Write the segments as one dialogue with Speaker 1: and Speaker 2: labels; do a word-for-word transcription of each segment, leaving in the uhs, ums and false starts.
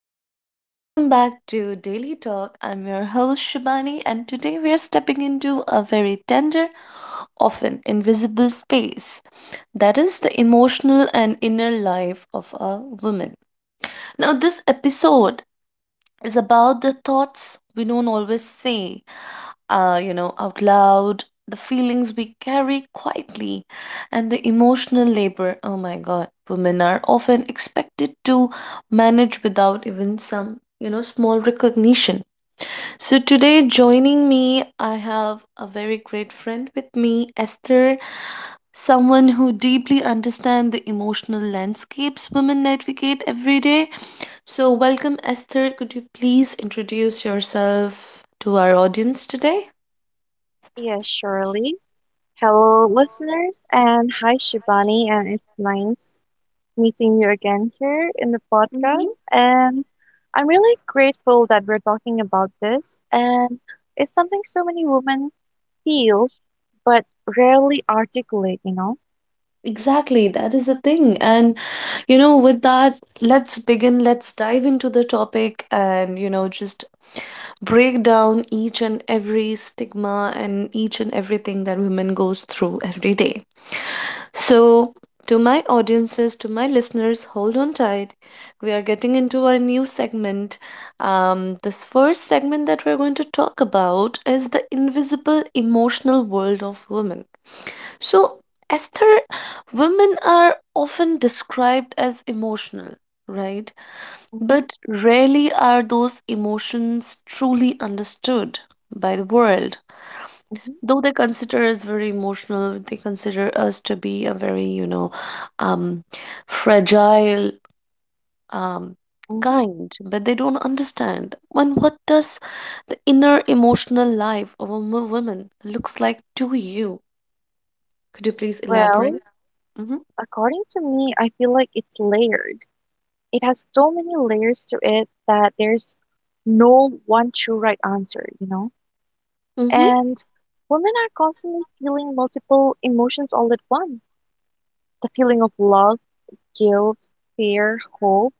Speaker 1: Hello and welcome back to Daily Talk. I'm your host Shubani, and today we are stepping into a very tender, often invisible space that is the emotional and inner life of a woman. Now, this episode is about the thoughts we don't always say, uh, you know, out loud, the feelings we carry quietly, and the emotional labor. Oh my God, women are often expected to manage without even some, you know, small recognition. So today, joining me, I have a very great friend with me, Esther. Someone who deeply understands the emotional landscapes women navigate every day. So, welcome, Esther. Could you please introduce yourself to our audience today?
Speaker 2: Yeah, surely. Hello, listeners, and hi, Shivani, and it's nice meeting you again here in the
Speaker 1: Mhm.
Speaker 2: podcast. And I'm really grateful that we're talking about this, and it's something so many women feel but rarely articulate, you know?
Speaker 1: Exactly, that is the thing. And you know, with that, let's begin, let's dive into the topic and you know, just break down each and every stigma and each and everything that women goes through every day. So, to my audiences, to my listeners, hold on tight. We are getting into our new segment. Um, this first segment that we're going to talk about is the invisible emotional world of women. So, Esther, women are often described as emotional, right?
Speaker 2: hmm
Speaker 1: But rarely are those emotions truly understood by the world.
Speaker 2: hmm
Speaker 1: Though they consider us very emotional, they consider us to be a very, you know, um, fragile, um,
Speaker 2: hmm
Speaker 1: kind, but they don't understand. And what does the inner emotional life of a mo- woman looks like to you? Could you please
Speaker 2: Well,
Speaker 1: elaborate?
Speaker 2: according to me, I feel like it's layered. It has so many layers to it that there's no one true right answer, you know?
Speaker 1: Mm-hmm.
Speaker 2: And women are constantly feeling multiple emotions all at once. The feeling of love, guilt, fear, hope,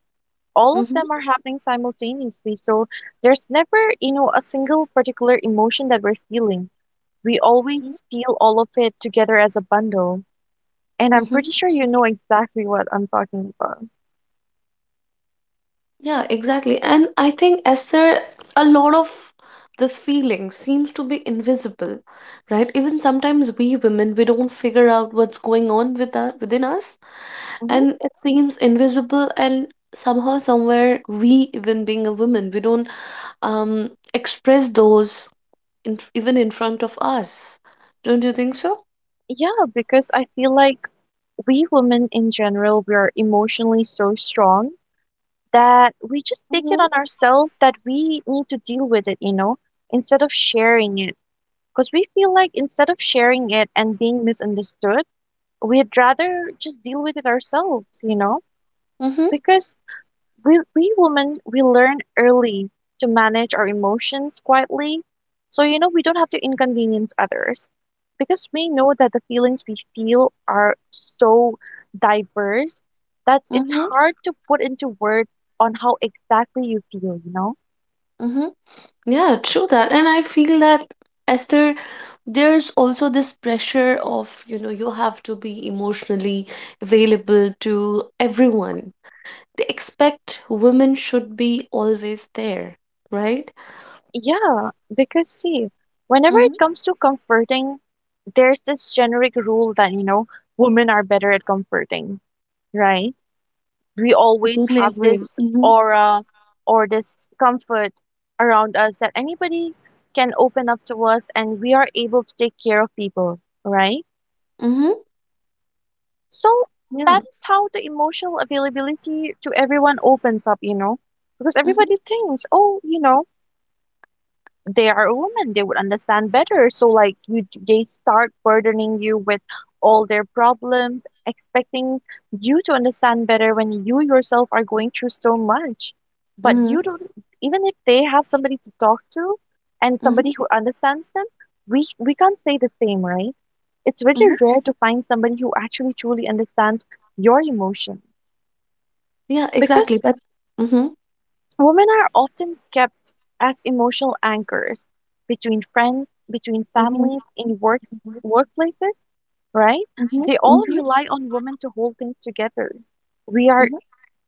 Speaker 2: all of
Speaker 1: Mhm,
Speaker 2: them are happening simultaneously. So there's never, you know, a single particular emotion that we're feeling. We
Speaker 1: mhm,
Speaker 2: always feel all of it together as a bundle. And I'm
Speaker 1: mhm.
Speaker 2: pretty sure you know exactly what I'm talking about.
Speaker 1: Yeah, exactly. And I think, Esther, a lot of this feeling seems to be invisible, right? Even sometimes we women, we don't figure out what's going on with us, within us,
Speaker 2: hmm
Speaker 1: and it seems invisible and somehow somewhere we, even being a woman, we don't um express those in, even in front of us. Don't you think so?
Speaker 2: Yeah, because I feel like we women in general, we are emotionally so strong that we just take it
Speaker 1: Mm-hmm.
Speaker 2: on ourselves that we need to deal with it, you know, instead of sharing it. Because we feel like instead of sharing it and being misunderstood, we'd rather just deal with it ourselves, you know,
Speaker 1: Mm-hmm.
Speaker 2: because we, we women, we learn early to manage our emotions quietly. So, you know, we don't have to inconvenience others because we know that the feelings we feel are so diverse that it's hard to put into words on how exactly you feel, you know?
Speaker 1: Mm-hmm. Yeah, true that. And I feel that, Esther, there's also this pressure of, you know, you have to be emotionally available to everyone. They expect women should be always there, right?
Speaker 2: Yeah, because see, whenever it
Speaker 1: Hmm.
Speaker 2: comes to comforting, there's this generic rule that, you know, women are better at comforting, right? We
Speaker 1: Yeah, I
Speaker 2: always
Speaker 1: totally
Speaker 2: have
Speaker 1: agree.
Speaker 2: this
Speaker 1: Mm-hmm.
Speaker 2: aura or this comfort around us that anybody can open up to us and we are able to take care of people, right?
Speaker 1: Mm-hmm.
Speaker 2: So that
Speaker 1: Yeah.
Speaker 2: is how the emotional availability to everyone opens up, you know, because
Speaker 1: Mm-hmm.
Speaker 2: everybody thinks, oh, you know, they are women, they would understand better, so like you, they start burdening you with all their problems, expecting you to understand better when you yourself are going through so much, but
Speaker 1: Mm-hmm.
Speaker 2: you don't. Even if they have somebody to talk to and
Speaker 1: Mm-hmm.
Speaker 2: somebody who understands them, we we can't say the same, right? It's
Speaker 1: Mm-hmm.
Speaker 2: really rare to find somebody who actually truly understands your emotion,
Speaker 1: Yeah, exactly.
Speaker 2: because
Speaker 1: But mm-hmm.
Speaker 2: women are often kept as emotional anchors between friends, between
Speaker 1: Mm-hmm.
Speaker 2: families, in works workplaces, right? They
Speaker 1: Mm-hmm.
Speaker 2: all rely on women to hold things together. We are
Speaker 1: Mm-hmm.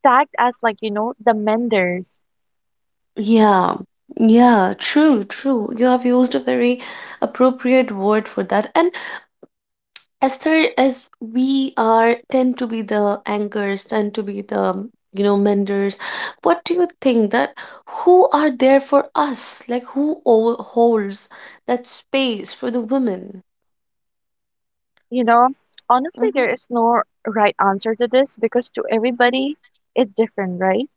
Speaker 2: tagged as, like, you know, the menders,
Speaker 1: Yeah, yeah, true, true. You have used a very appropriate word for that. And as far as we are tend to be the anchors, tend to be the, you know, menders, what do you think that who are there for us? Like who o- holds that space for the women?
Speaker 2: you know. Honestly,
Speaker 1: Mm-hmm,
Speaker 2: there is no right answer to this because to
Speaker 1: mm-hmm,
Speaker 2: everybody it's different, right?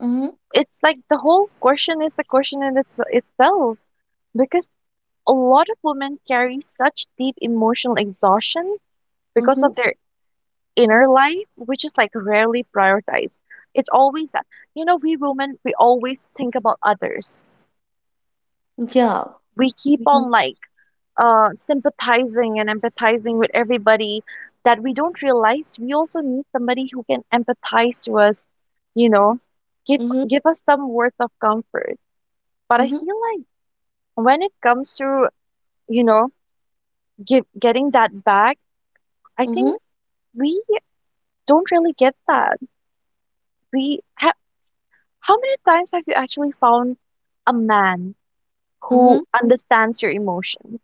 Speaker 1: mm-hmm,
Speaker 2: It's like the whole question is a question in its, itself, because a lot of women carry such deep emotional exhaustion because
Speaker 1: mm-hmm.
Speaker 2: of their inner life, which is like rarely prioritized. It's always that. You know, we women, we always think about others.
Speaker 1: Yeah.
Speaker 2: We keep
Speaker 1: Mm-hmm,
Speaker 2: on like uh, sympathizing and empathizing with everybody that we don't realize we also need somebody who can empathize to us, you know, give
Speaker 1: mm-hmm,
Speaker 2: give us some worth of comfort. But I
Speaker 1: mm-hmm,
Speaker 2: feel like when it comes to, you know, give, getting that back, I
Speaker 1: mm-hmm,
Speaker 2: think we don't really get that. We have How many times have you actually found a man
Speaker 1: mm-hmm.
Speaker 2: who understands your emotions?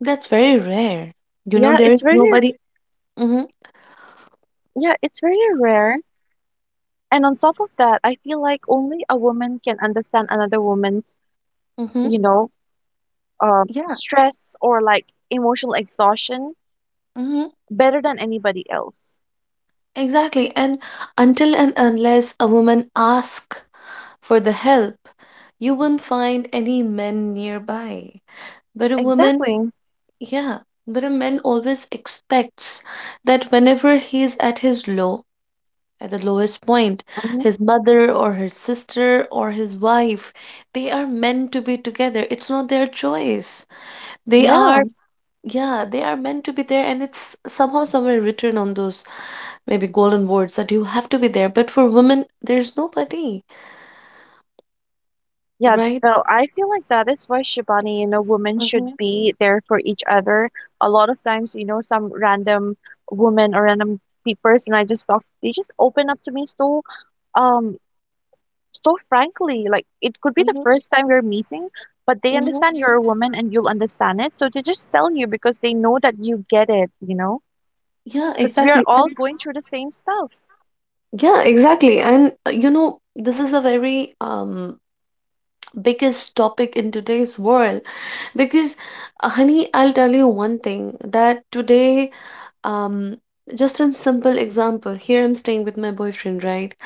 Speaker 1: That's very rare. You know,
Speaker 2: Yeah,
Speaker 1: there is
Speaker 2: it's very
Speaker 1: nobody. Mm-hmm,
Speaker 2: yeah, it's very rare. And on top of that, I feel like only a woman can understand another woman's,
Speaker 1: mm-hmm.
Speaker 2: you know, um,
Speaker 1: Yeah.
Speaker 2: stress or like emotional exhaustion
Speaker 1: Hmm.
Speaker 2: better than anybody else.
Speaker 1: Exactly. And until and unless a woman asks for the help, you won't find any men nearby. But a woman,
Speaker 2: Exactly.
Speaker 1: yeah, but a man always expects that whenever he's at his low, at the lowest point,
Speaker 2: hmm
Speaker 1: his mother or his sister or his wife, they are meant to be together. It's not their choice. They
Speaker 2: Yeah.
Speaker 1: are, yeah, they are meant to be there, and it's somehow somewhere written on those maybe golden words that you have to be there. But for women, there's nobody,
Speaker 2: Yeah,
Speaker 1: right?
Speaker 2: though I feel like that is why, Shibani, you know, women
Speaker 1: Mm-hmm.
Speaker 2: should be there for each other. A lot of times, you know, some random woman or random pe- person I just talk, they just open up to me so, um, so frankly, like it could be the
Speaker 1: Mm-hmm.
Speaker 2: first time you're meeting, but they understand
Speaker 1: Mm-hmm.
Speaker 2: you're a woman and you'll understand it. So they just tell you because they know that you get it, you know,
Speaker 1: Yeah,
Speaker 2: because we are
Speaker 1: exactly.
Speaker 2: all
Speaker 1: And
Speaker 2: going through the same stuff.
Speaker 1: yeah, exactly. And uh, you know, this is a very um biggest topic in today's world because, uh, honey, I'll tell you one thing that today, um, just a simple example. Here I'm staying with my boyfriend, right?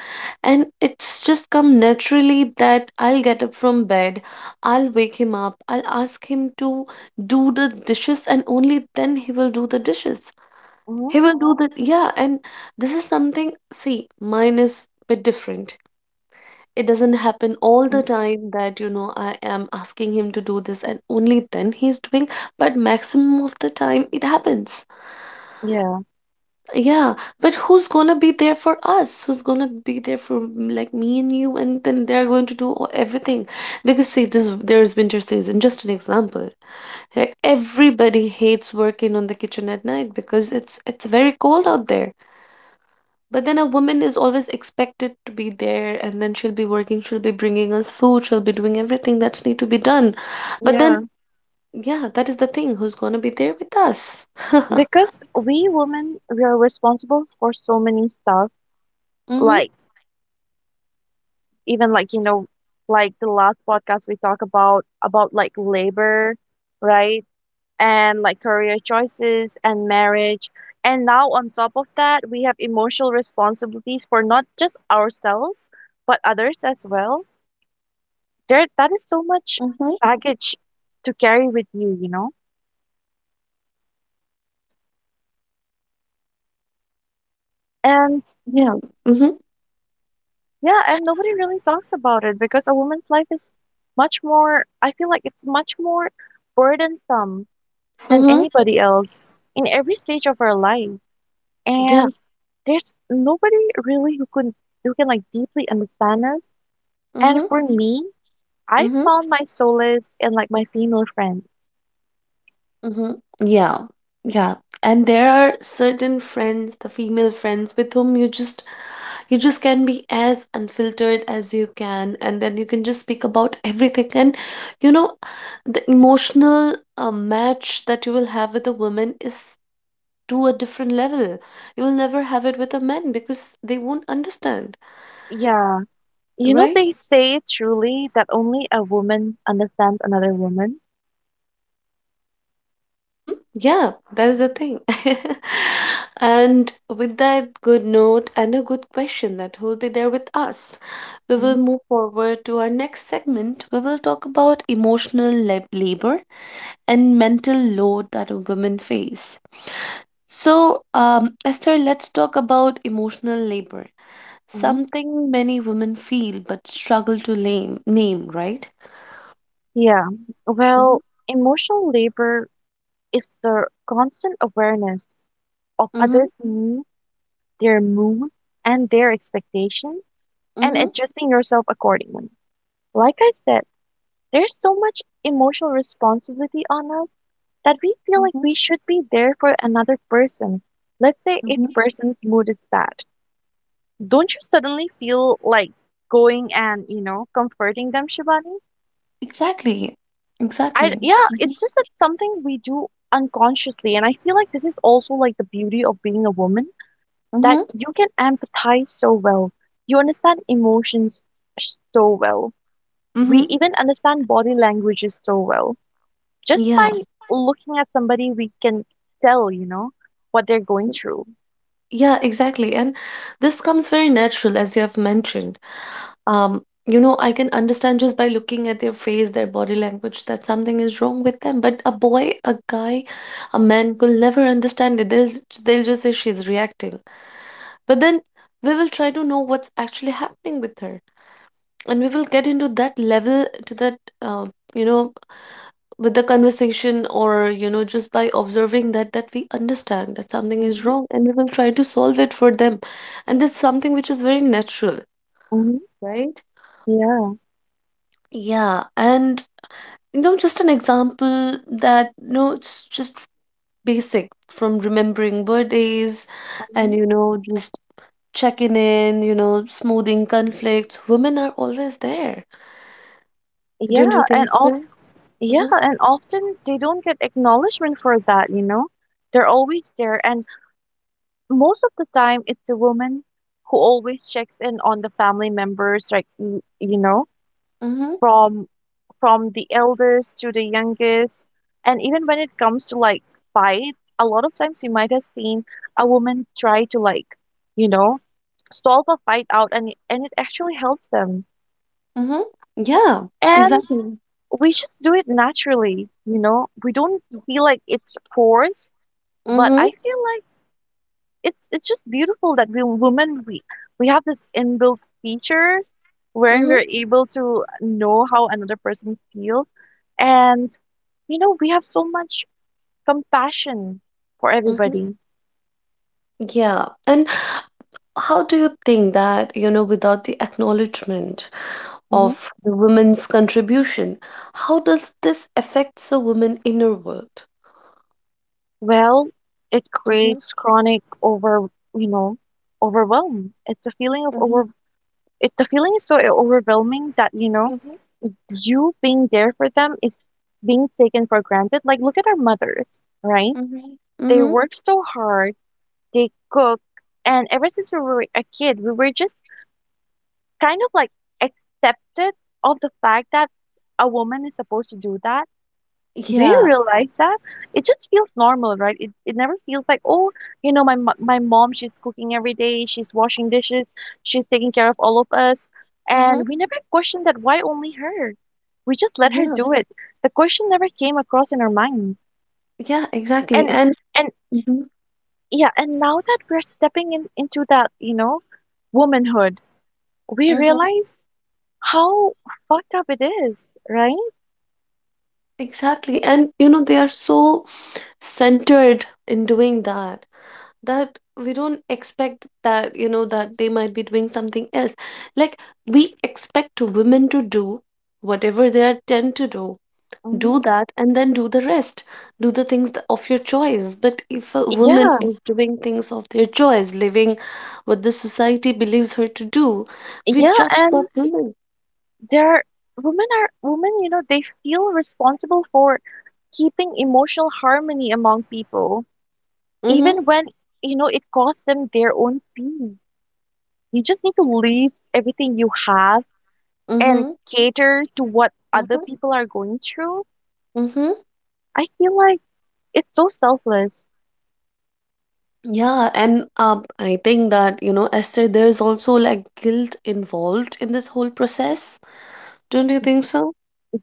Speaker 1: And it's just come naturally that I'll get up from bed, I'll wake him up, I'll ask him to do the dishes, and only then he will do the dishes.
Speaker 2: Mm-hmm.
Speaker 1: He will do the, yeah, and this is something, see, mine is bit different. It doesn't happen all the
Speaker 2: Mm-hmm.
Speaker 1: time that, you know, I am asking him to do this and only then he's doing, but maximum of the time it happens.
Speaker 2: Yeah,
Speaker 1: Yeah, but who's gonna be there for us? Who's gonna be there for m- like me and you? And then they're going to do all- everything because see, this there's winter season. Just an example, right? Everybody hates working on the kitchen at night because it's it's very cold out there. But then a woman is always expected to be there, and then she'll be working. She'll be bringing us food. She'll be doing everything that's need to be done. But
Speaker 2: yeah.
Speaker 1: then, yeah, that is the thing. Who's gonna be there with us?
Speaker 2: Because we women, we are responsible for so many stuff,
Speaker 1: Mm-hmm.
Speaker 2: like, even, like, you know, like the last podcast we talk about about like labor, right? And like career choices and marriage, and now on top of that we have emotional responsibilities for not just ourselves but others as well. There, that is so much
Speaker 1: Mm-hmm.
Speaker 2: baggage to carry with you, you know? And
Speaker 1: Yeah. Mm-hmm.
Speaker 2: yeah, and nobody really talks about it because a woman's life is much more I feel like it's much more burdensome than
Speaker 1: Mm-hmm.
Speaker 2: anybody else in every stage of our life. And there's nobody really who can who can like deeply understand us. And
Speaker 1: Mhm,
Speaker 2: for me, I
Speaker 1: mhm,
Speaker 2: found my solace in, like, my female friends.
Speaker 1: mhm. Yeah, yeah. And there are certain friends, the female friends, with whom you just you just can be as unfiltered as you can, and then you can just speak about everything. And you know, the emotional uh, match that you will have with a woman is to a different level. You will never have it with a man because they won't understand,
Speaker 2: Yeah. You know,
Speaker 1: right?
Speaker 2: they say truly that only a woman understands another woman.
Speaker 1: Mm-hmm. Yeah, that is the thing. And with that good note and a good question that will be there with us, we will
Speaker 2: Mhm,
Speaker 1: move forward to our next segment. We will talk about emotional lab labor and mental load that women face. So, um, Esther, let's talk about emotional labor,
Speaker 2: mhm.
Speaker 1: something many women feel but struggle to name, name, right?
Speaker 2: Yeah.
Speaker 1: Mm-hmm.
Speaker 2: Well, emotional labor is the constant awareness of
Speaker 1: Mm-hmm.
Speaker 2: others' needs, their mood, and their expectations, and
Speaker 1: Mm-hmm.
Speaker 2: adjusting yourself accordingly. Like I said, there's so much emotional responsibility on us that we feel like we should be there for another person. Let's say if
Speaker 1: Mm-hmm.
Speaker 2: a person's mood is bad, don't you suddenly feel like going and, you know, comforting them, Shivani?
Speaker 1: Exactly.
Speaker 2: I
Speaker 1: Exactly.
Speaker 2: Yeah,
Speaker 1: Mm-hmm.
Speaker 2: it's just that something we do unconsciously, and I feel like this is also like the beauty of being a woman, that
Speaker 1: Mm-hmm.
Speaker 2: you can empathize so well. You understand emotions so well, we
Speaker 1: Mm-hmm.
Speaker 2: even understand body languages so well. Just
Speaker 1: Yeah.
Speaker 2: by looking at somebody, we can tell, you know, what they're going through.
Speaker 1: Yeah, exactly. And this comes very natural, as you have mentioned. Um, you know, I can understand just by looking at their face, their body language, that something is wrong with them. But a boy, a guy, a man will never understand it. They'll they'll just say she's reacting. But then we will try to know what's actually happening with her, and we will get into that level to that uh, you know, with the conversation or you know just by observing that that we understand that something is
Speaker 2: hmm
Speaker 1: wrong and we will try to solve it for them, and this is something which is very natural,
Speaker 2: hmm
Speaker 1: right?
Speaker 2: Yeah.
Speaker 1: Yeah, and you know just an example that you know it's just basic from remembering birthdays and
Speaker 2: hmm
Speaker 1: you know just checking in, you know, smoothing conflicts, women are always there, don't you
Speaker 2: Yeah.
Speaker 1: think
Speaker 2: And
Speaker 1: so?
Speaker 2: all, yeah.
Speaker 1: Mm-hmm,
Speaker 2: And often they don't get acknowledgement for that, you know, they're always there. And most of the time, it's the woman who always checks in on the family members, like, y- you know,
Speaker 1: mm-hmm,
Speaker 2: from from the eldest to the youngest. And even when it comes to like fights, a lot of times you might have seen a woman try to, like, you know, solve a fight out, and it- and it actually helps them.
Speaker 1: mm-hmm. Yeah,
Speaker 2: And
Speaker 1: exactly.
Speaker 2: we just do it naturally, you know. We don't feel like it's forced, but
Speaker 1: Mm-hmm.
Speaker 2: I feel like it's it's just beautiful that we women we we have this inbuilt feature wherein
Speaker 1: Mm-hmm.
Speaker 2: we're able to know how another person feels, and you know we have so much compassion for
Speaker 1: Mm-hmm.
Speaker 2: everybody.
Speaker 1: Yeah, and how do you think that, you know, without the acknowledgement
Speaker 2: Mhm.
Speaker 1: of the women's contribution, how does this affects a woman inner world?
Speaker 2: Well, it
Speaker 1: Mm-hmm,
Speaker 2: creates chronic over you know, overwhelm. It's a feeling of
Speaker 1: mm-hmm,
Speaker 2: over it, the feeling is so overwhelming that, you know,
Speaker 1: mm-hmm,
Speaker 2: you being there for them is being taken for granted, like look at our mothers, right?
Speaker 1: mm-hmm,
Speaker 2: They
Speaker 1: mm-hmm.
Speaker 2: work so hard, they cook. And ever since we were a kid, we were just kind of like accepted of the fact that a woman is supposed to do that. Do you
Speaker 1: Yeah,
Speaker 2: realize that? It just feels normal, right? It, it never feels like, oh, you know, my mo- my mom, she's cooking every day, she's washing dishes, she's taking care of all of us.
Speaker 1: mm-hmm,
Speaker 2: And we never questioned that, why only her? We just let her
Speaker 1: yeah.
Speaker 2: do it. The question never came across in our mind.
Speaker 1: Yeah, exactly.
Speaker 2: And
Speaker 1: And
Speaker 2: and
Speaker 1: mhm.
Speaker 2: Yeah, and now that we're stepping in, into that, you know, womanhood, we
Speaker 1: Mm-hmm.
Speaker 2: realize how fucked up it is, right?
Speaker 1: Exactly. And you know, they are so centered in doing that. That we don't expect that you know that they might be doing something else, like we expect women to do whatever they are tend to do, do
Speaker 2: Mhm.
Speaker 1: that and then do the rest, do the things th- of your choice, but if a woman
Speaker 2: Yeah,
Speaker 1: is doing things of their choice living what the society believes her to do, we
Speaker 2: yeah,
Speaker 1: judge that
Speaker 2: and
Speaker 1: woman.
Speaker 2: there, women are women. You know, they feel responsible for keeping emotional harmony among people,
Speaker 1: Mm-hmm,
Speaker 2: even when, you know, it costs them their own peace. You just need to leave everything you have and
Speaker 1: mm-hmm,
Speaker 2: cater to what other
Speaker 1: mm-hmm,
Speaker 2: people are going through.
Speaker 1: mm-hmm.
Speaker 2: I feel like it's so selfless.
Speaker 1: Yeah, and um, I think that you know Esther there's also like guilt involved in this whole process. Don't you think so?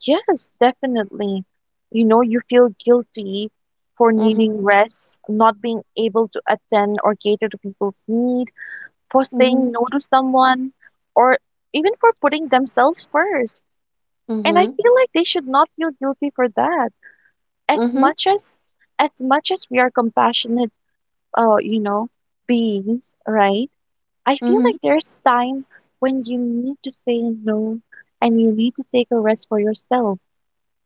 Speaker 2: Yes, definitely. You know, you feel guilty for needing
Speaker 1: Mhm.
Speaker 2: rest, not being able to attend or cater to people's need, for
Speaker 1: Mhm.
Speaker 2: saying no to someone, or even for putting themselves first. And I
Speaker 1: Mhm.
Speaker 2: feel like they should not feel guilty for that. As
Speaker 1: Mhm.
Speaker 2: much as as much as we are compassionate, uh, you know, beings, right? I feel
Speaker 1: Mhm.
Speaker 2: like there's time when you need to say no and you need to take a rest for yourself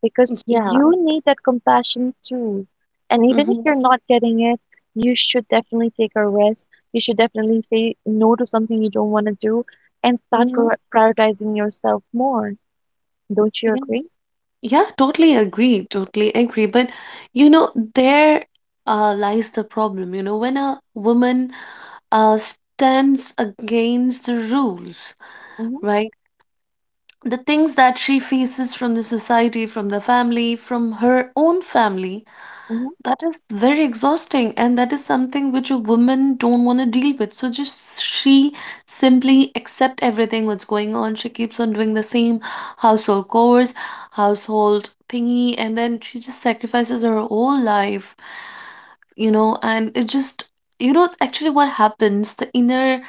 Speaker 2: because
Speaker 1: Yeah.
Speaker 2: you need that compassion too. And even if
Speaker 1: Mhm.
Speaker 2: you're not getting it, you should definitely take a rest. You should definitely say no to something you don't want to do and start
Speaker 1: Mhm.
Speaker 2: pro- prioritizing yourself more. Don't you
Speaker 1: Yeah.
Speaker 2: agree?
Speaker 1: Yeah, totally agree. Totally agree. But you know, there uh, lies the problem. You know, when a woman uh, stands against the rules,
Speaker 2: Mm-hmm,
Speaker 1: right? The things that she faces from the society, from the family, from her own family,
Speaker 2: mm-hmm,
Speaker 1: that is very exhausting, and that is something which a woman don't want to deal with. So just she simply accept everything what's going on. She keeps on doing the same household chores, household thingy, and then she just sacrifices her whole life, you know. And it just, you know, actually what happens, the inner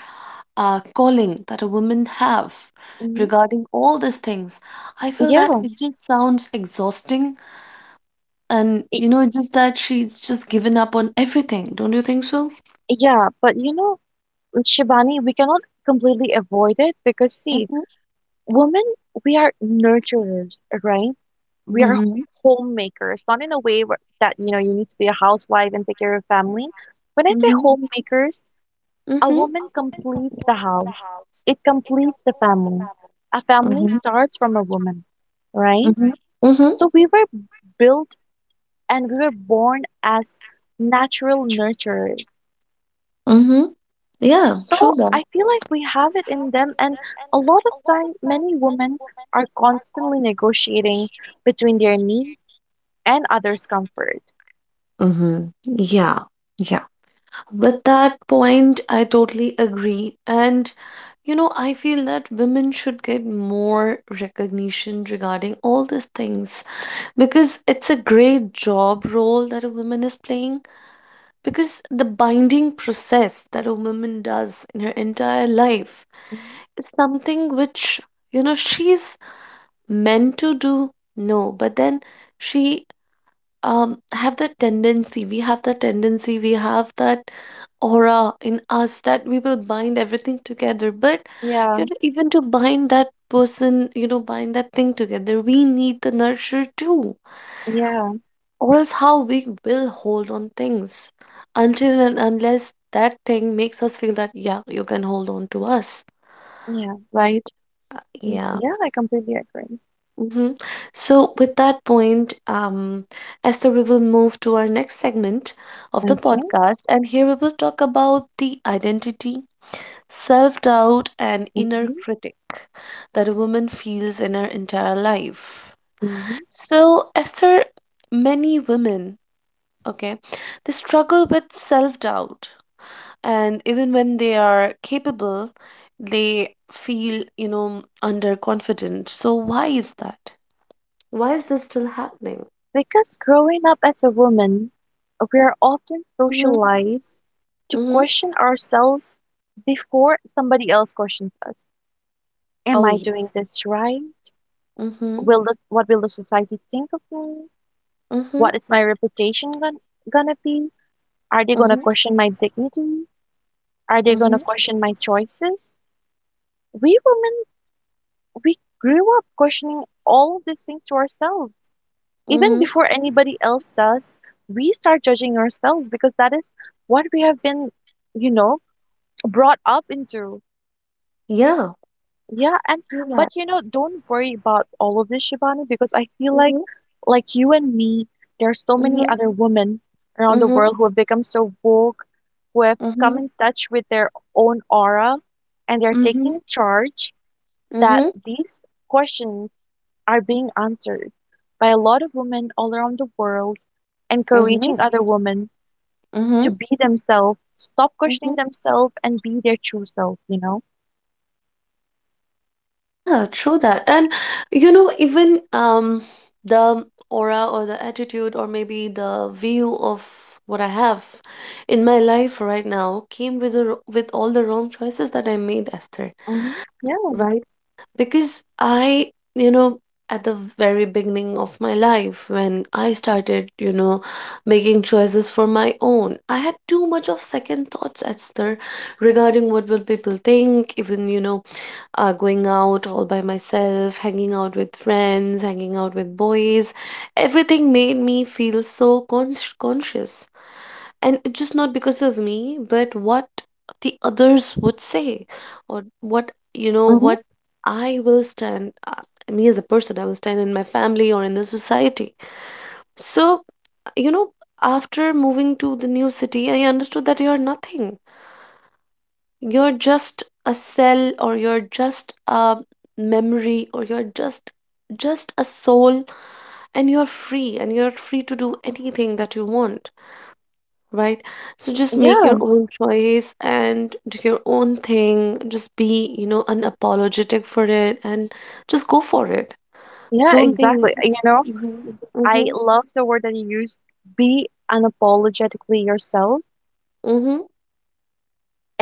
Speaker 1: uh, calling that a woman have
Speaker 2: mm-hmm.
Speaker 1: regarding all these things, I feel that
Speaker 2: Yeah,
Speaker 1: it just sounds exhausting and,
Speaker 2: y-
Speaker 1: you know, just that she's just given up on everything. Don't you think so?
Speaker 2: yeah. But you know, Shivani, we cannot completely avoid it because, see,
Speaker 1: Mhm.
Speaker 2: women, we are nurturers, right? we are h-
Speaker 1: Mm-hmm.
Speaker 2: homemakers, not in a way where, that you know you need to be a housewife and take care of family. When I say
Speaker 1: Mm-hmm.
Speaker 2: homemakers, a
Speaker 1: Mm-hmm.
Speaker 2: woman completes the house. It completes the family. A family
Speaker 1: Mm-hmm.
Speaker 2: starts from a woman, right?
Speaker 1: Mm-hmm. Mm-hmm.
Speaker 2: So we were built and we were born as natural nurturers.
Speaker 1: Mm-hmm. Yeah, true
Speaker 2: So
Speaker 1: that.
Speaker 2: I feel like we have it in them, and a lot of time, many women are constantly negotiating between their needs and others' comfort.
Speaker 1: Mm-hmm. Yeah. Yeah. With that point, I totally agree. And, you know, I feel that women should get more recognition regarding all these things because it's a great job role that a woman is playing. Because the binding process that a woman does in her entire life
Speaker 2: Mm-hmm.
Speaker 1: is something which, you know, she's meant to do, no, but then she um have that tendency, we have that tendency, we have that aura in us that we will bind everything together. But
Speaker 2: Yeah,
Speaker 1: you know, even to bind that person, you know, bind that thing together, we need the nurture too,
Speaker 2: yeah,
Speaker 1: or else how we will hold on things until and unless that thing makes us feel that yeah you can hold on to us,
Speaker 2: yeah,
Speaker 1: right? Uh,
Speaker 2: mm,
Speaker 1: yeah.
Speaker 2: yeah, I completely agree.
Speaker 1: Hmm. So with that point, um Esther, we will move to our next segment of the
Speaker 2: Okay.
Speaker 1: podcast and here we will talk about the identity, self-doubt and inner
Speaker 2: hmm
Speaker 1: critic that a woman feels in her entire life.
Speaker 2: hmm
Speaker 1: So, Esther, many women, okay, they struggle with self doubt. And even when they are capable, they feel, you know, underconfident. So, why is that? Why is this still happening?
Speaker 2: Because growing up as a woman, we are often
Speaker 1: Mm-hmm.
Speaker 2: socialized to
Speaker 1: Mm-hmm.
Speaker 2: question ourselves before somebody else questions us. Am
Speaker 1: Oh,
Speaker 2: I
Speaker 1: yeah.
Speaker 2: doing this right?
Speaker 1: Mm-hmm.
Speaker 2: Will this, what will the society think of me?
Speaker 1: Mm-hmm.
Speaker 2: What is my reputation gon gonna be? Are they gonna
Speaker 1: Mm-hmm.
Speaker 2: question my dignity? Are they
Speaker 1: Mm-hmm.
Speaker 2: gonna question my choices? We women we grew up questioning all of these things to ourselves. Even
Speaker 1: Mm-hmm.
Speaker 2: before anybody else does, we start judging ourselves because that is what we have been, you know, brought up into.
Speaker 1: Yeah.
Speaker 2: Yeah, and
Speaker 1: Feel
Speaker 2: but
Speaker 1: that.
Speaker 2: you know, don't worry about all of this, Shivani, because I feel like
Speaker 1: Mm-hmm.
Speaker 2: like you and me, there are so many
Speaker 1: Mm-hmm.
Speaker 2: other women around the
Speaker 1: Mm-hmm.
Speaker 2: world who have become so woke, who have come
Speaker 1: Mm-hmm.
Speaker 2: in touch with their own aura, and they're
Speaker 1: Mm-hmm.
Speaker 2: taking charge that
Speaker 1: Mm-hmm.
Speaker 2: these questions are being answered by a lot of women all around the world, encouraging other women to
Speaker 1: Mm-hmm.
Speaker 2: be themselves, stop questioning
Speaker 1: Mm-hmm.
Speaker 2: themselves, and be their true self, you know?
Speaker 1: Yeah, true that. And you know, even um the aura or the attitude or maybe the view of what I have in my life right now came with the, with all the wrong choices that I made, Esther,
Speaker 2: Hmm. Yeah.
Speaker 1: right? Because I, you know, at the very beginning of my life, when I started, you know, making choices for my own, I had too much of second thoughts, Esther, regarding what will people think, even, you know, uh, going out all by myself, hanging out with friends, hanging out with boys. Everything made me feel so con- conscious, and it's just not because of me but what the others would say, or what, you know,
Speaker 2: Hmm.
Speaker 1: what I will stand uh, me as a person, I will stand in my family or in the society. So, you know, after moving to the new city, I understood that you're nothing. You're just a cell, or you're just a memory, or you're just just a soul. And you're free, and you're free to do anything that you want, right? So just make your
Speaker 2: Yeah.
Speaker 1: own choice and do your own thing. Just be, you know, unapologetic for it, and just go for it.
Speaker 2: Yeah,
Speaker 1: Don't think.
Speaker 2: exactly. You know,
Speaker 1: Mm-hmm,
Speaker 2: I
Speaker 1: mm-hmm,
Speaker 2: love the word that you used: be unapologetically yourself.
Speaker 1: mm-hmm,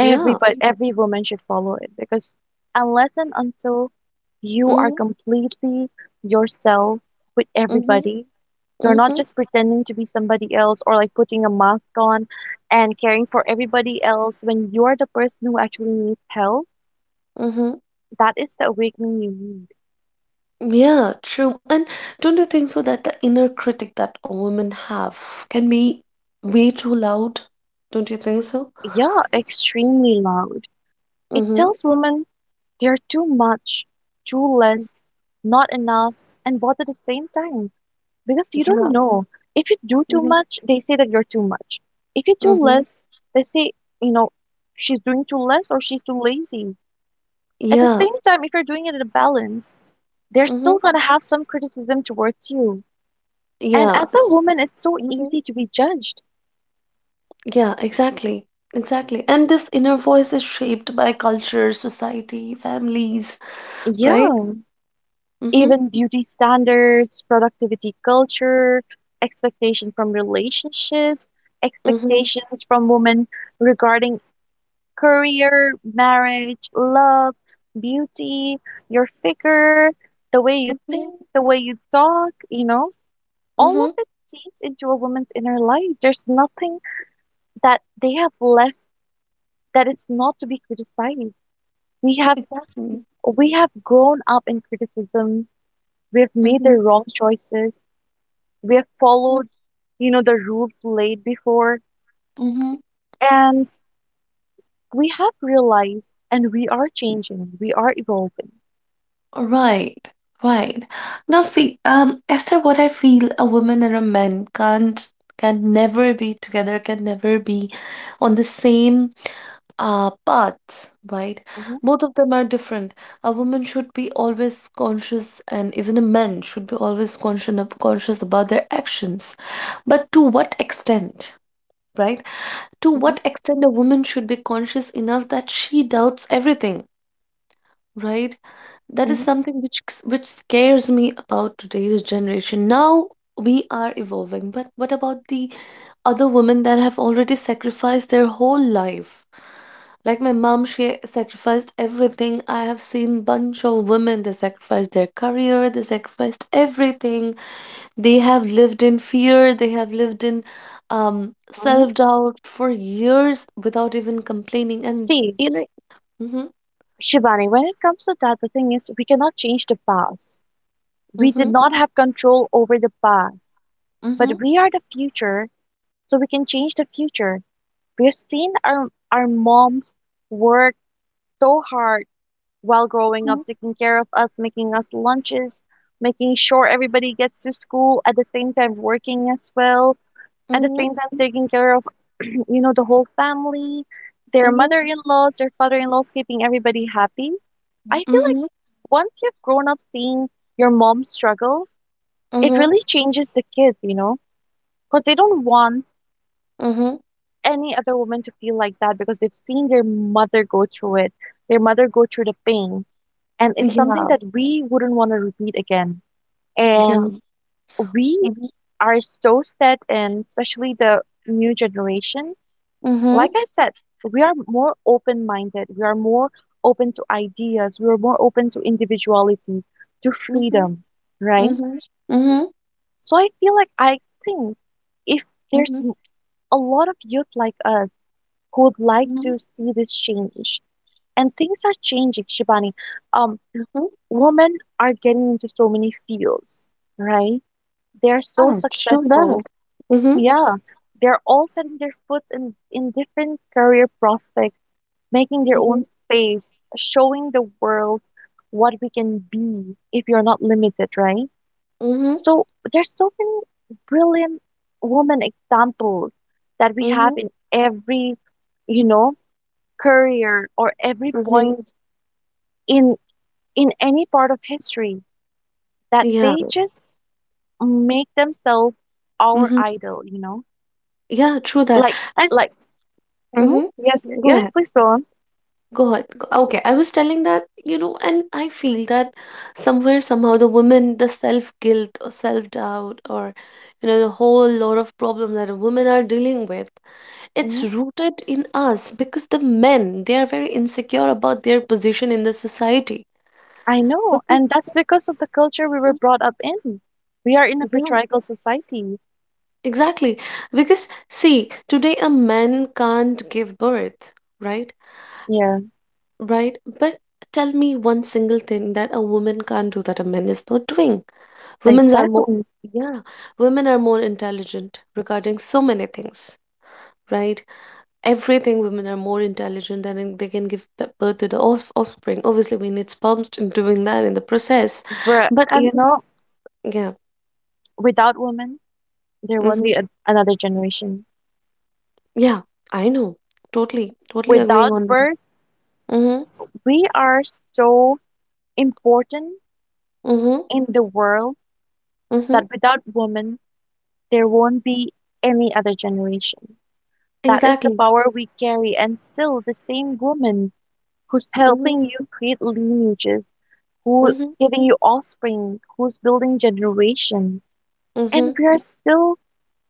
Speaker 1: yeah.
Speaker 2: every woman should follow it, because unless and until you are
Speaker 1: Mm-hmm,
Speaker 2: completely yourself with
Speaker 1: mm-hmm,
Speaker 2: everybody, you're not
Speaker 1: mm-hmm,
Speaker 2: just pretending to be somebody else or like putting a mask on and caring for everybody else when you're the person who actually needs help.
Speaker 1: mm-hmm.
Speaker 2: That is the awakening you need.
Speaker 1: Yeah, true. And don't you think so that the inner critic that a woman have can be way too loud? Don't you think so?
Speaker 2: Yeah, extremely loud. It
Speaker 1: Mm-hmm.
Speaker 2: tells women they're too much, too less, not enough, and both at the same time. Because you don't
Speaker 1: Yeah.
Speaker 2: know. If you do too
Speaker 1: Mm-hmm.
Speaker 2: much, they say that you're too much. If you do
Speaker 1: Mm-hmm.
Speaker 2: less, they say, you know, she's doing too less or she's too lazy. At the
Speaker 1: Yeah.
Speaker 2: same time, if you're doing it in a balance, they're
Speaker 1: Mm-hmm.
Speaker 2: still going to have some criticism towards you. And
Speaker 1: Yeah.
Speaker 2: as a woman, it's so easy to be judged.
Speaker 1: Yeah, exactly. Exactly. And this inner voice is shaped by culture, society, families, right?
Speaker 2: Yeah.
Speaker 1: Mm-hmm.
Speaker 2: Even beauty standards, productivity culture, expectation from relationships,
Speaker 1: Mm-hmm.
Speaker 2: expectations from women regarding career, marriage, love, beauty, your figure, the way you
Speaker 1: Okay.
Speaker 2: think, the way you talk, you know, all of
Speaker 1: Mm-hmm.
Speaker 2: it seeps into a woman's inner life. There's nothing that they have left that it's not to be criticized. We have
Speaker 1: Exactly.
Speaker 2: we have grown up in criticism. We have made the
Speaker 1: Mm-hmm.
Speaker 2: wrong choices. We have followed, you know, the rules laid before,
Speaker 1: Mm-hmm.
Speaker 2: and we have realized, and we are changing. We are evolving.
Speaker 1: Right. Right. Now see, um, Esther, what I feel, a woman and a man can't can never be together, can never be on the same. Uh, but, right,
Speaker 2: Hmm.
Speaker 1: both of them are different. A woman should be always conscious, and even a man should be always conscious, conscious about their actions. But to what extent, right? To
Speaker 2: Hmm.
Speaker 1: what extent a woman should be conscious enough that she doubts everything? Right? That is
Speaker 2: Hmm.
Speaker 1: something which which scares me about today's generation. Now we are evolving, but what about the other women that have already sacrificed their whole life? Like my mom, she sacrificed everything. I have seen bunch of women, they sacrificed their career, they sacrificed everything. They have lived in fear, they have lived in um
Speaker 2: Hmm.
Speaker 1: self-doubt for years without even complaining. And
Speaker 2: See,
Speaker 1: you know, mm-hmm,
Speaker 2: Shivani, when it comes to that, the thing is, we cannot change the past. We did
Speaker 1: mm-hmm,
Speaker 2: not have control over the past,
Speaker 1: mm-hmm.
Speaker 2: but we are the future, so we can change the future. We've seen our our moms work so hard while growing
Speaker 1: Mm-hmm.
Speaker 2: up, taking care of us, making us lunches, making sure everybody gets to school, at the same time working as well, at the
Speaker 1: Mhm,
Speaker 2: same time taking care of you know, the whole family, their
Speaker 1: mhm,
Speaker 2: mother-in-laws, their father-in-laws, keeping everybody happy. I feel like
Speaker 1: mhm,
Speaker 2: once you've grown up seeing your mom struggle, it
Speaker 1: mhm,
Speaker 2: really changes the kids, you know, because they don't want
Speaker 1: mhm.
Speaker 2: any other woman to feel like that because they've seen their mother go through it, their mother go through the pain. And it's something
Speaker 1: Ja,
Speaker 2: that we wouldn't want to repeat again. And
Speaker 1: ja.
Speaker 2: we
Speaker 1: Mhm,
Speaker 2: are so set in, especially the new generation. Like
Speaker 1: mhm,
Speaker 2: I said, we are more open minded, we are more open to ideas, we are more open to individuality, to
Speaker 1: mhm,
Speaker 2: freedom, right?
Speaker 1: mhm, mhm,
Speaker 2: So I feel like I think if there's
Speaker 1: mhm,
Speaker 2: a lot of youth like us who'd like
Speaker 1: mhm,
Speaker 2: to see this change. And things are changing, Shibani. Um,
Speaker 1: mhm.
Speaker 2: Women are getting into so many fields, right? They're so
Speaker 1: Yeah, true that.
Speaker 2: successful.
Speaker 1: Mhm,
Speaker 2: Yeah, they're all setting their foot in, in different career prospects, making their
Speaker 1: mhm,
Speaker 2: own space, showing the world what we can be if you're not limited, right?
Speaker 1: mhm,
Speaker 2: So there's so many brilliant woman examples that we have
Speaker 1: mhm,
Speaker 2: in every, you know, career or every
Speaker 1: mhm.
Speaker 2: point in in any part of history that
Speaker 1: Yeah,
Speaker 2: they just make themselves our
Speaker 1: mhm.
Speaker 2: idol, you know?
Speaker 1: Yeah, true that.
Speaker 2: Like
Speaker 1: And
Speaker 2: like mhm,
Speaker 1: mhm.
Speaker 2: yes,
Speaker 1: Go
Speaker 2: yeah,
Speaker 1: ahead.
Speaker 2: please go on.
Speaker 1: Go ahead. Go- Okay, I was telling that, you know, and I feel that somewhere, somehow, the women, the self-guilt or self-doubt, or, you know, the whole lot of problem that women are dealing with, it's
Speaker 2: Mhm.
Speaker 1: rooted in us because the men, they are very insecure about their position in the society.
Speaker 2: I know, and
Speaker 1: Because
Speaker 2: that's because of the culture we were
Speaker 1: mm,
Speaker 2: brought up in. We are in a
Speaker 1: yeah,
Speaker 2: patriarchal society.
Speaker 1: exactly. Because see, today a man can't give birth, right?
Speaker 2: Yeah,
Speaker 1: Right, but tell me one single thing that a woman can't do that a man is not doing. Women's are more
Speaker 2: exactly.
Speaker 1: Yeah, women are more intelligent regarding so many things, right? Everything, women are more intelligent than in- they can give b- birth to the off- offspring. Obviously we need sperms in doing that, in the process,
Speaker 2: Bruh,
Speaker 1: but um,
Speaker 2: you know,
Speaker 1: yeah.
Speaker 2: without women there won't
Speaker 1: Mm-hmm,
Speaker 2: be a, another generation.
Speaker 1: yeah, I know. Totally totally agreeing on
Speaker 2: Without
Speaker 1: that.
Speaker 2: birth,
Speaker 1: Mm-hmm,
Speaker 2: we are so important
Speaker 1: mm-hmm,
Speaker 2: in the world
Speaker 1: mm-hmm,
Speaker 2: that without women, there won't be any other generation. That is the
Speaker 1: exactly.
Speaker 2: power we carry, and still the same woman who's
Speaker 1: Mm-hmm,
Speaker 2: helping you create lineages,
Speaker 1: mm-hmm,
Speaker 2: who's giving you offspring, who's building generation,
Speaker 1: mm-hmm.
Speaker 2: and we are still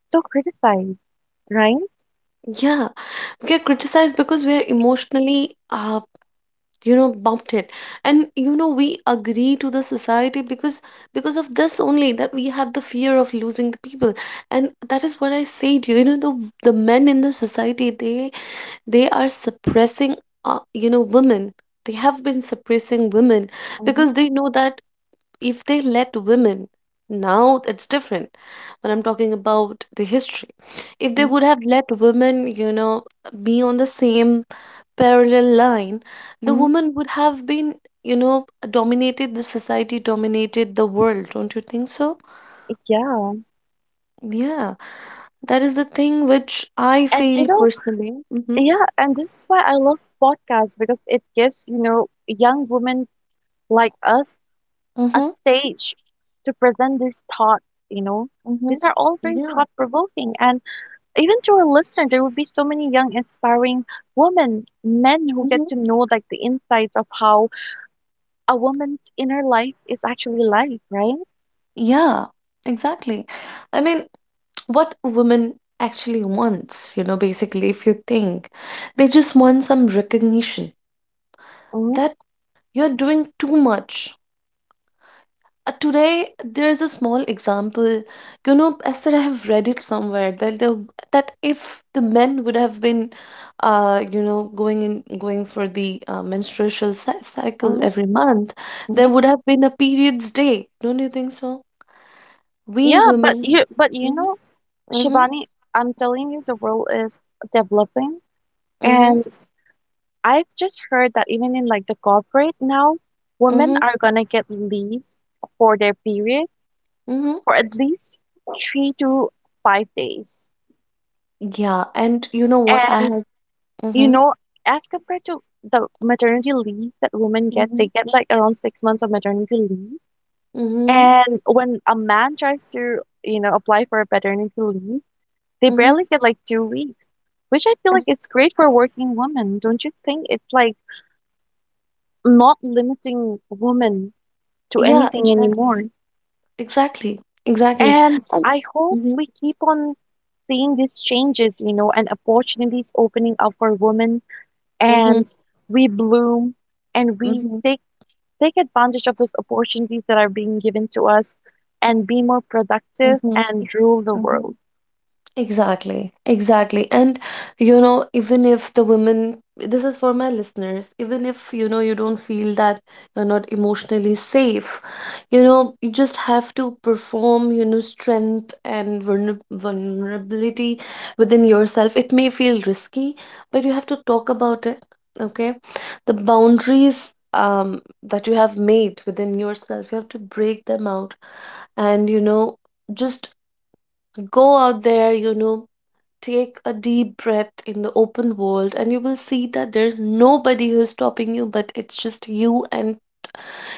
Speaker 2: so criticized, right?
Speaker 1: Yeah, we get criticized because we are emotionally, uh, you know about it. And you know, we agree to the society because because of this only, that we have the fear of losing the people. And that is what I say to you, you know, the the men in the society, they they are suppressing, uh, you know, women. They have been suppressing women
Speaker 2: Mm-hmm.
Speaker 1: because they know that if they let women, now it's different, but I'm talking about the history, if they
Speaker 2: Mm-hmm.
Speaker 1: would have let women, you know, be on the same parallel line, the
Speaker 2: Mm-hmm.
Speaker 1: woman would have been, you know, dominated the society, dominated the world, don't you think so?
Speaker 2: Yeah.
Speaker 1: Yeah, that is the thing which I
Speaker 2: And you
Speaker 1: feel
Speaker 2: know,
Speaker 1: personally. Mm-hmm,
Speaker 2: yeah, and this is why I love podcasts because it gives, you know, young women like us a
Speaker 1: mm-hmm,
Speaker 2: stage to present these thoughts, you know.
Speaker 1: mm-hmm.
Speaker 2: These are all very
Speaker 1: Yeah.
Speaker 2: thought provoking. And even to our listener, there will be so many young, inspiring women, men who get
Speaker 1: Mm-hmm.
Speaker 2: to know like the insights of how a woman's inner life is actually like, right?
Speaker 1: Yeah, exactly. I mean, what women actually wants, you know, basically if you think, they just want some recognition,
Speaker 2: Hmm.
Speaker 1: that you're doing too much. Uh, today there's a small example. You know, Esther, I have read it somewhere that, the that if the men would have been, uh you know, going in going for the uh, menstrual cy- cycle
Speaker 2: Hmm.
Speaker 1: every month, there
Speaker 2: Hmm.
Speaker 1: would have been a periods day, don't you think so? We
Speaker 2: Yeah, but
Speaker 1: women.
Speaker 2: you, but you
Speaker 1: Mm-hmm,
Speaker 2: know,
Speaker 1: mm-hmm,
Speaker 2: Shivani, I'm telling you, the world is developing.
Speaker 1: mm-hmm,
Speaker 2: And I've just heard that even in like the corporate now, women
Speaker 1: mm-hmm.
Speaker 2: are gonna get leaves for their period
Speaker 1: Mm-hmm.
Speaker 2: for at least three to five days.
Speaker 1: Yeah, and you know what? I
Speaker 2: And
Speaker 1: have.
Speaker 2: you
Speaker 1: Mm-hmm,
Speaker 2: know, as compared to the maternity leave that women get, they
Speaker 1: mm-hmm,
Speaker 2: get like around six months of maternity leave.
Speaker 1: mm-hmm,
Speaker 2: And when a man tries to, you know, apply for a paternity leave, they
Speaker 1: mm-hmm.
Speaker 2: barely get like two weeks, which I feel like
Speaker 1: And-
Speaker 2: it's great for working women. Don't you think it's like not limiting women to
Speaker 1: Yeah,
Speaker 2: anything
Speaker 1: exactly,
Speaker 2: anymore.
Speaker 1: exactly, exactly.
Speaker 2: And
Speaker 1: And
Speaker 2: I hope
Speaker 1: mm-hmm,
Speaker 2: we keep on seeing these changes, you know, and opportunities opening up for women
Speaker 1: mm-hmm,
Speaker 2: and we bloom and we
Speaker 1: mm-hmm,
Speaker 2: take take advantage of those opportunities that are being given to us and be more productive
Speaker 1: mm-hmm,
Speaker 2: and rule the world.
Speaker 1: exactly, exactly. And you know, even if the women, this is for my listeners, even if, you know, you don't feel that you're not emotionally safe, you know, you just have to perform, you know, strength and vulner vulnerability within yourself. It may feel risky, but you have to talk about it, okay? The boundaries um that you have made within yourself, you have to break them out, and, you know, just go out there, you know, take a deep breath in the open world, and you will see that there's nobody who's stopping you, but it's just you and,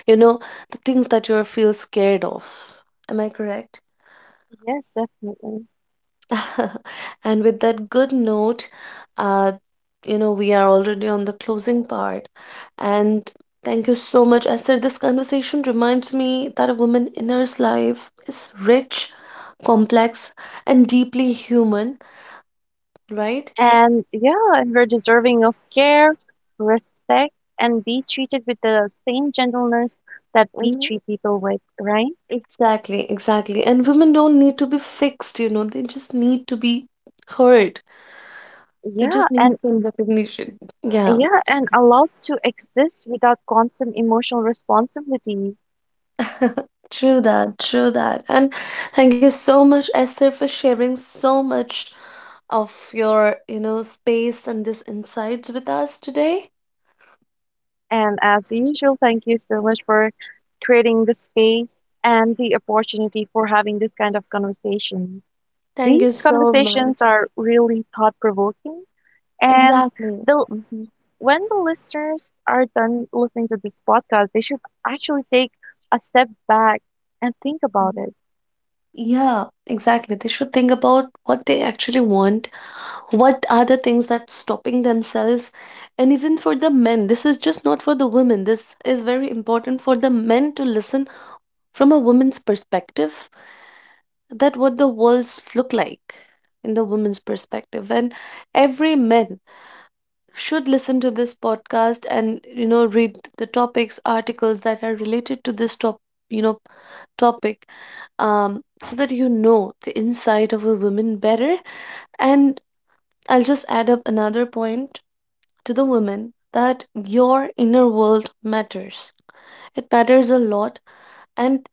Speaker 1: you know, the things that you feel scared of. Am I correct?
Speaker 2: Yes, definitely.
Speaker 1: And with that good note, uh you know, we are already on the closing part. And thank you so much, Esther. This conversation reminds me that a woman's inner life is rich, complex, and deeply human, right?
Speaker 2: And yeah, and we're deserving of care, respect, and be treated with the same gentleness that we treat people with, right?
Speaker 1: Exactly, exactly. And women don't need to be fixed, you know, they just need to be heard. They
Speaker 2: Yeah,
Speaker 1: just need
Speaker 2: and
Speaker 1: some recognition. Yeah.
Speaker 2: yeah, and allowed to exist without constant emotional responsibility.
Speaker 1: True that, true that. And thank you so much, Esther, for sharing so much of your, you know, space and this insights with us today.
Speaker 2: And as usual, thank you so much for creating the space and the opportunity for having this kind of conversation.
Speaker 1: Thank you
Speaker 2: These
Speaker 1: so
Speaker 2: conversations
Speaker 1: much.
Speaker 2: are really thought provoking. And
Speaker 1: Exactly.
Speaker 2: the,
Speaker 1: Mhm,
Speaker 2: when the listeners are done listening to this podcast, they should actually take a step back and think about
Speaker 1: mhm.
Speaker 2: it.
Speaker 1: Yeah, exactly. They should think about what they actually want, what are the things that stopping themselves. And even for the men, this is just not for the women, this is very important for the men to listen, from a woman's perspective, that what the worlds look like in the woman's perspective. And every man should listen to this podcast, and you know, read the topics, articles that are related to this top you know, topic, um, so that you know the inside of a woman better. And I'll just add up another point to the women: that your inner world matters. It matters a lot, and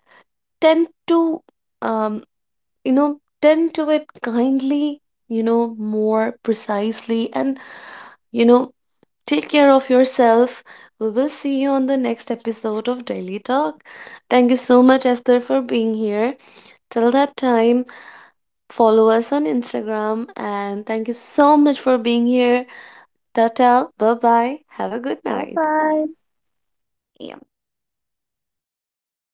Speaker 1: tend to, um, you know, tend to it kindly, you know, more precisely, and, you know, take care of yourself. We will see you on the next episode of Daily Talk. Thank you so much, Esther, for being here. Till that time, follow us on Instagram, and thank you so much for being here. Tata, bye bye. Have a good
Speaker 2: Bye
Speaker 1: night.
Speaker 2: bye.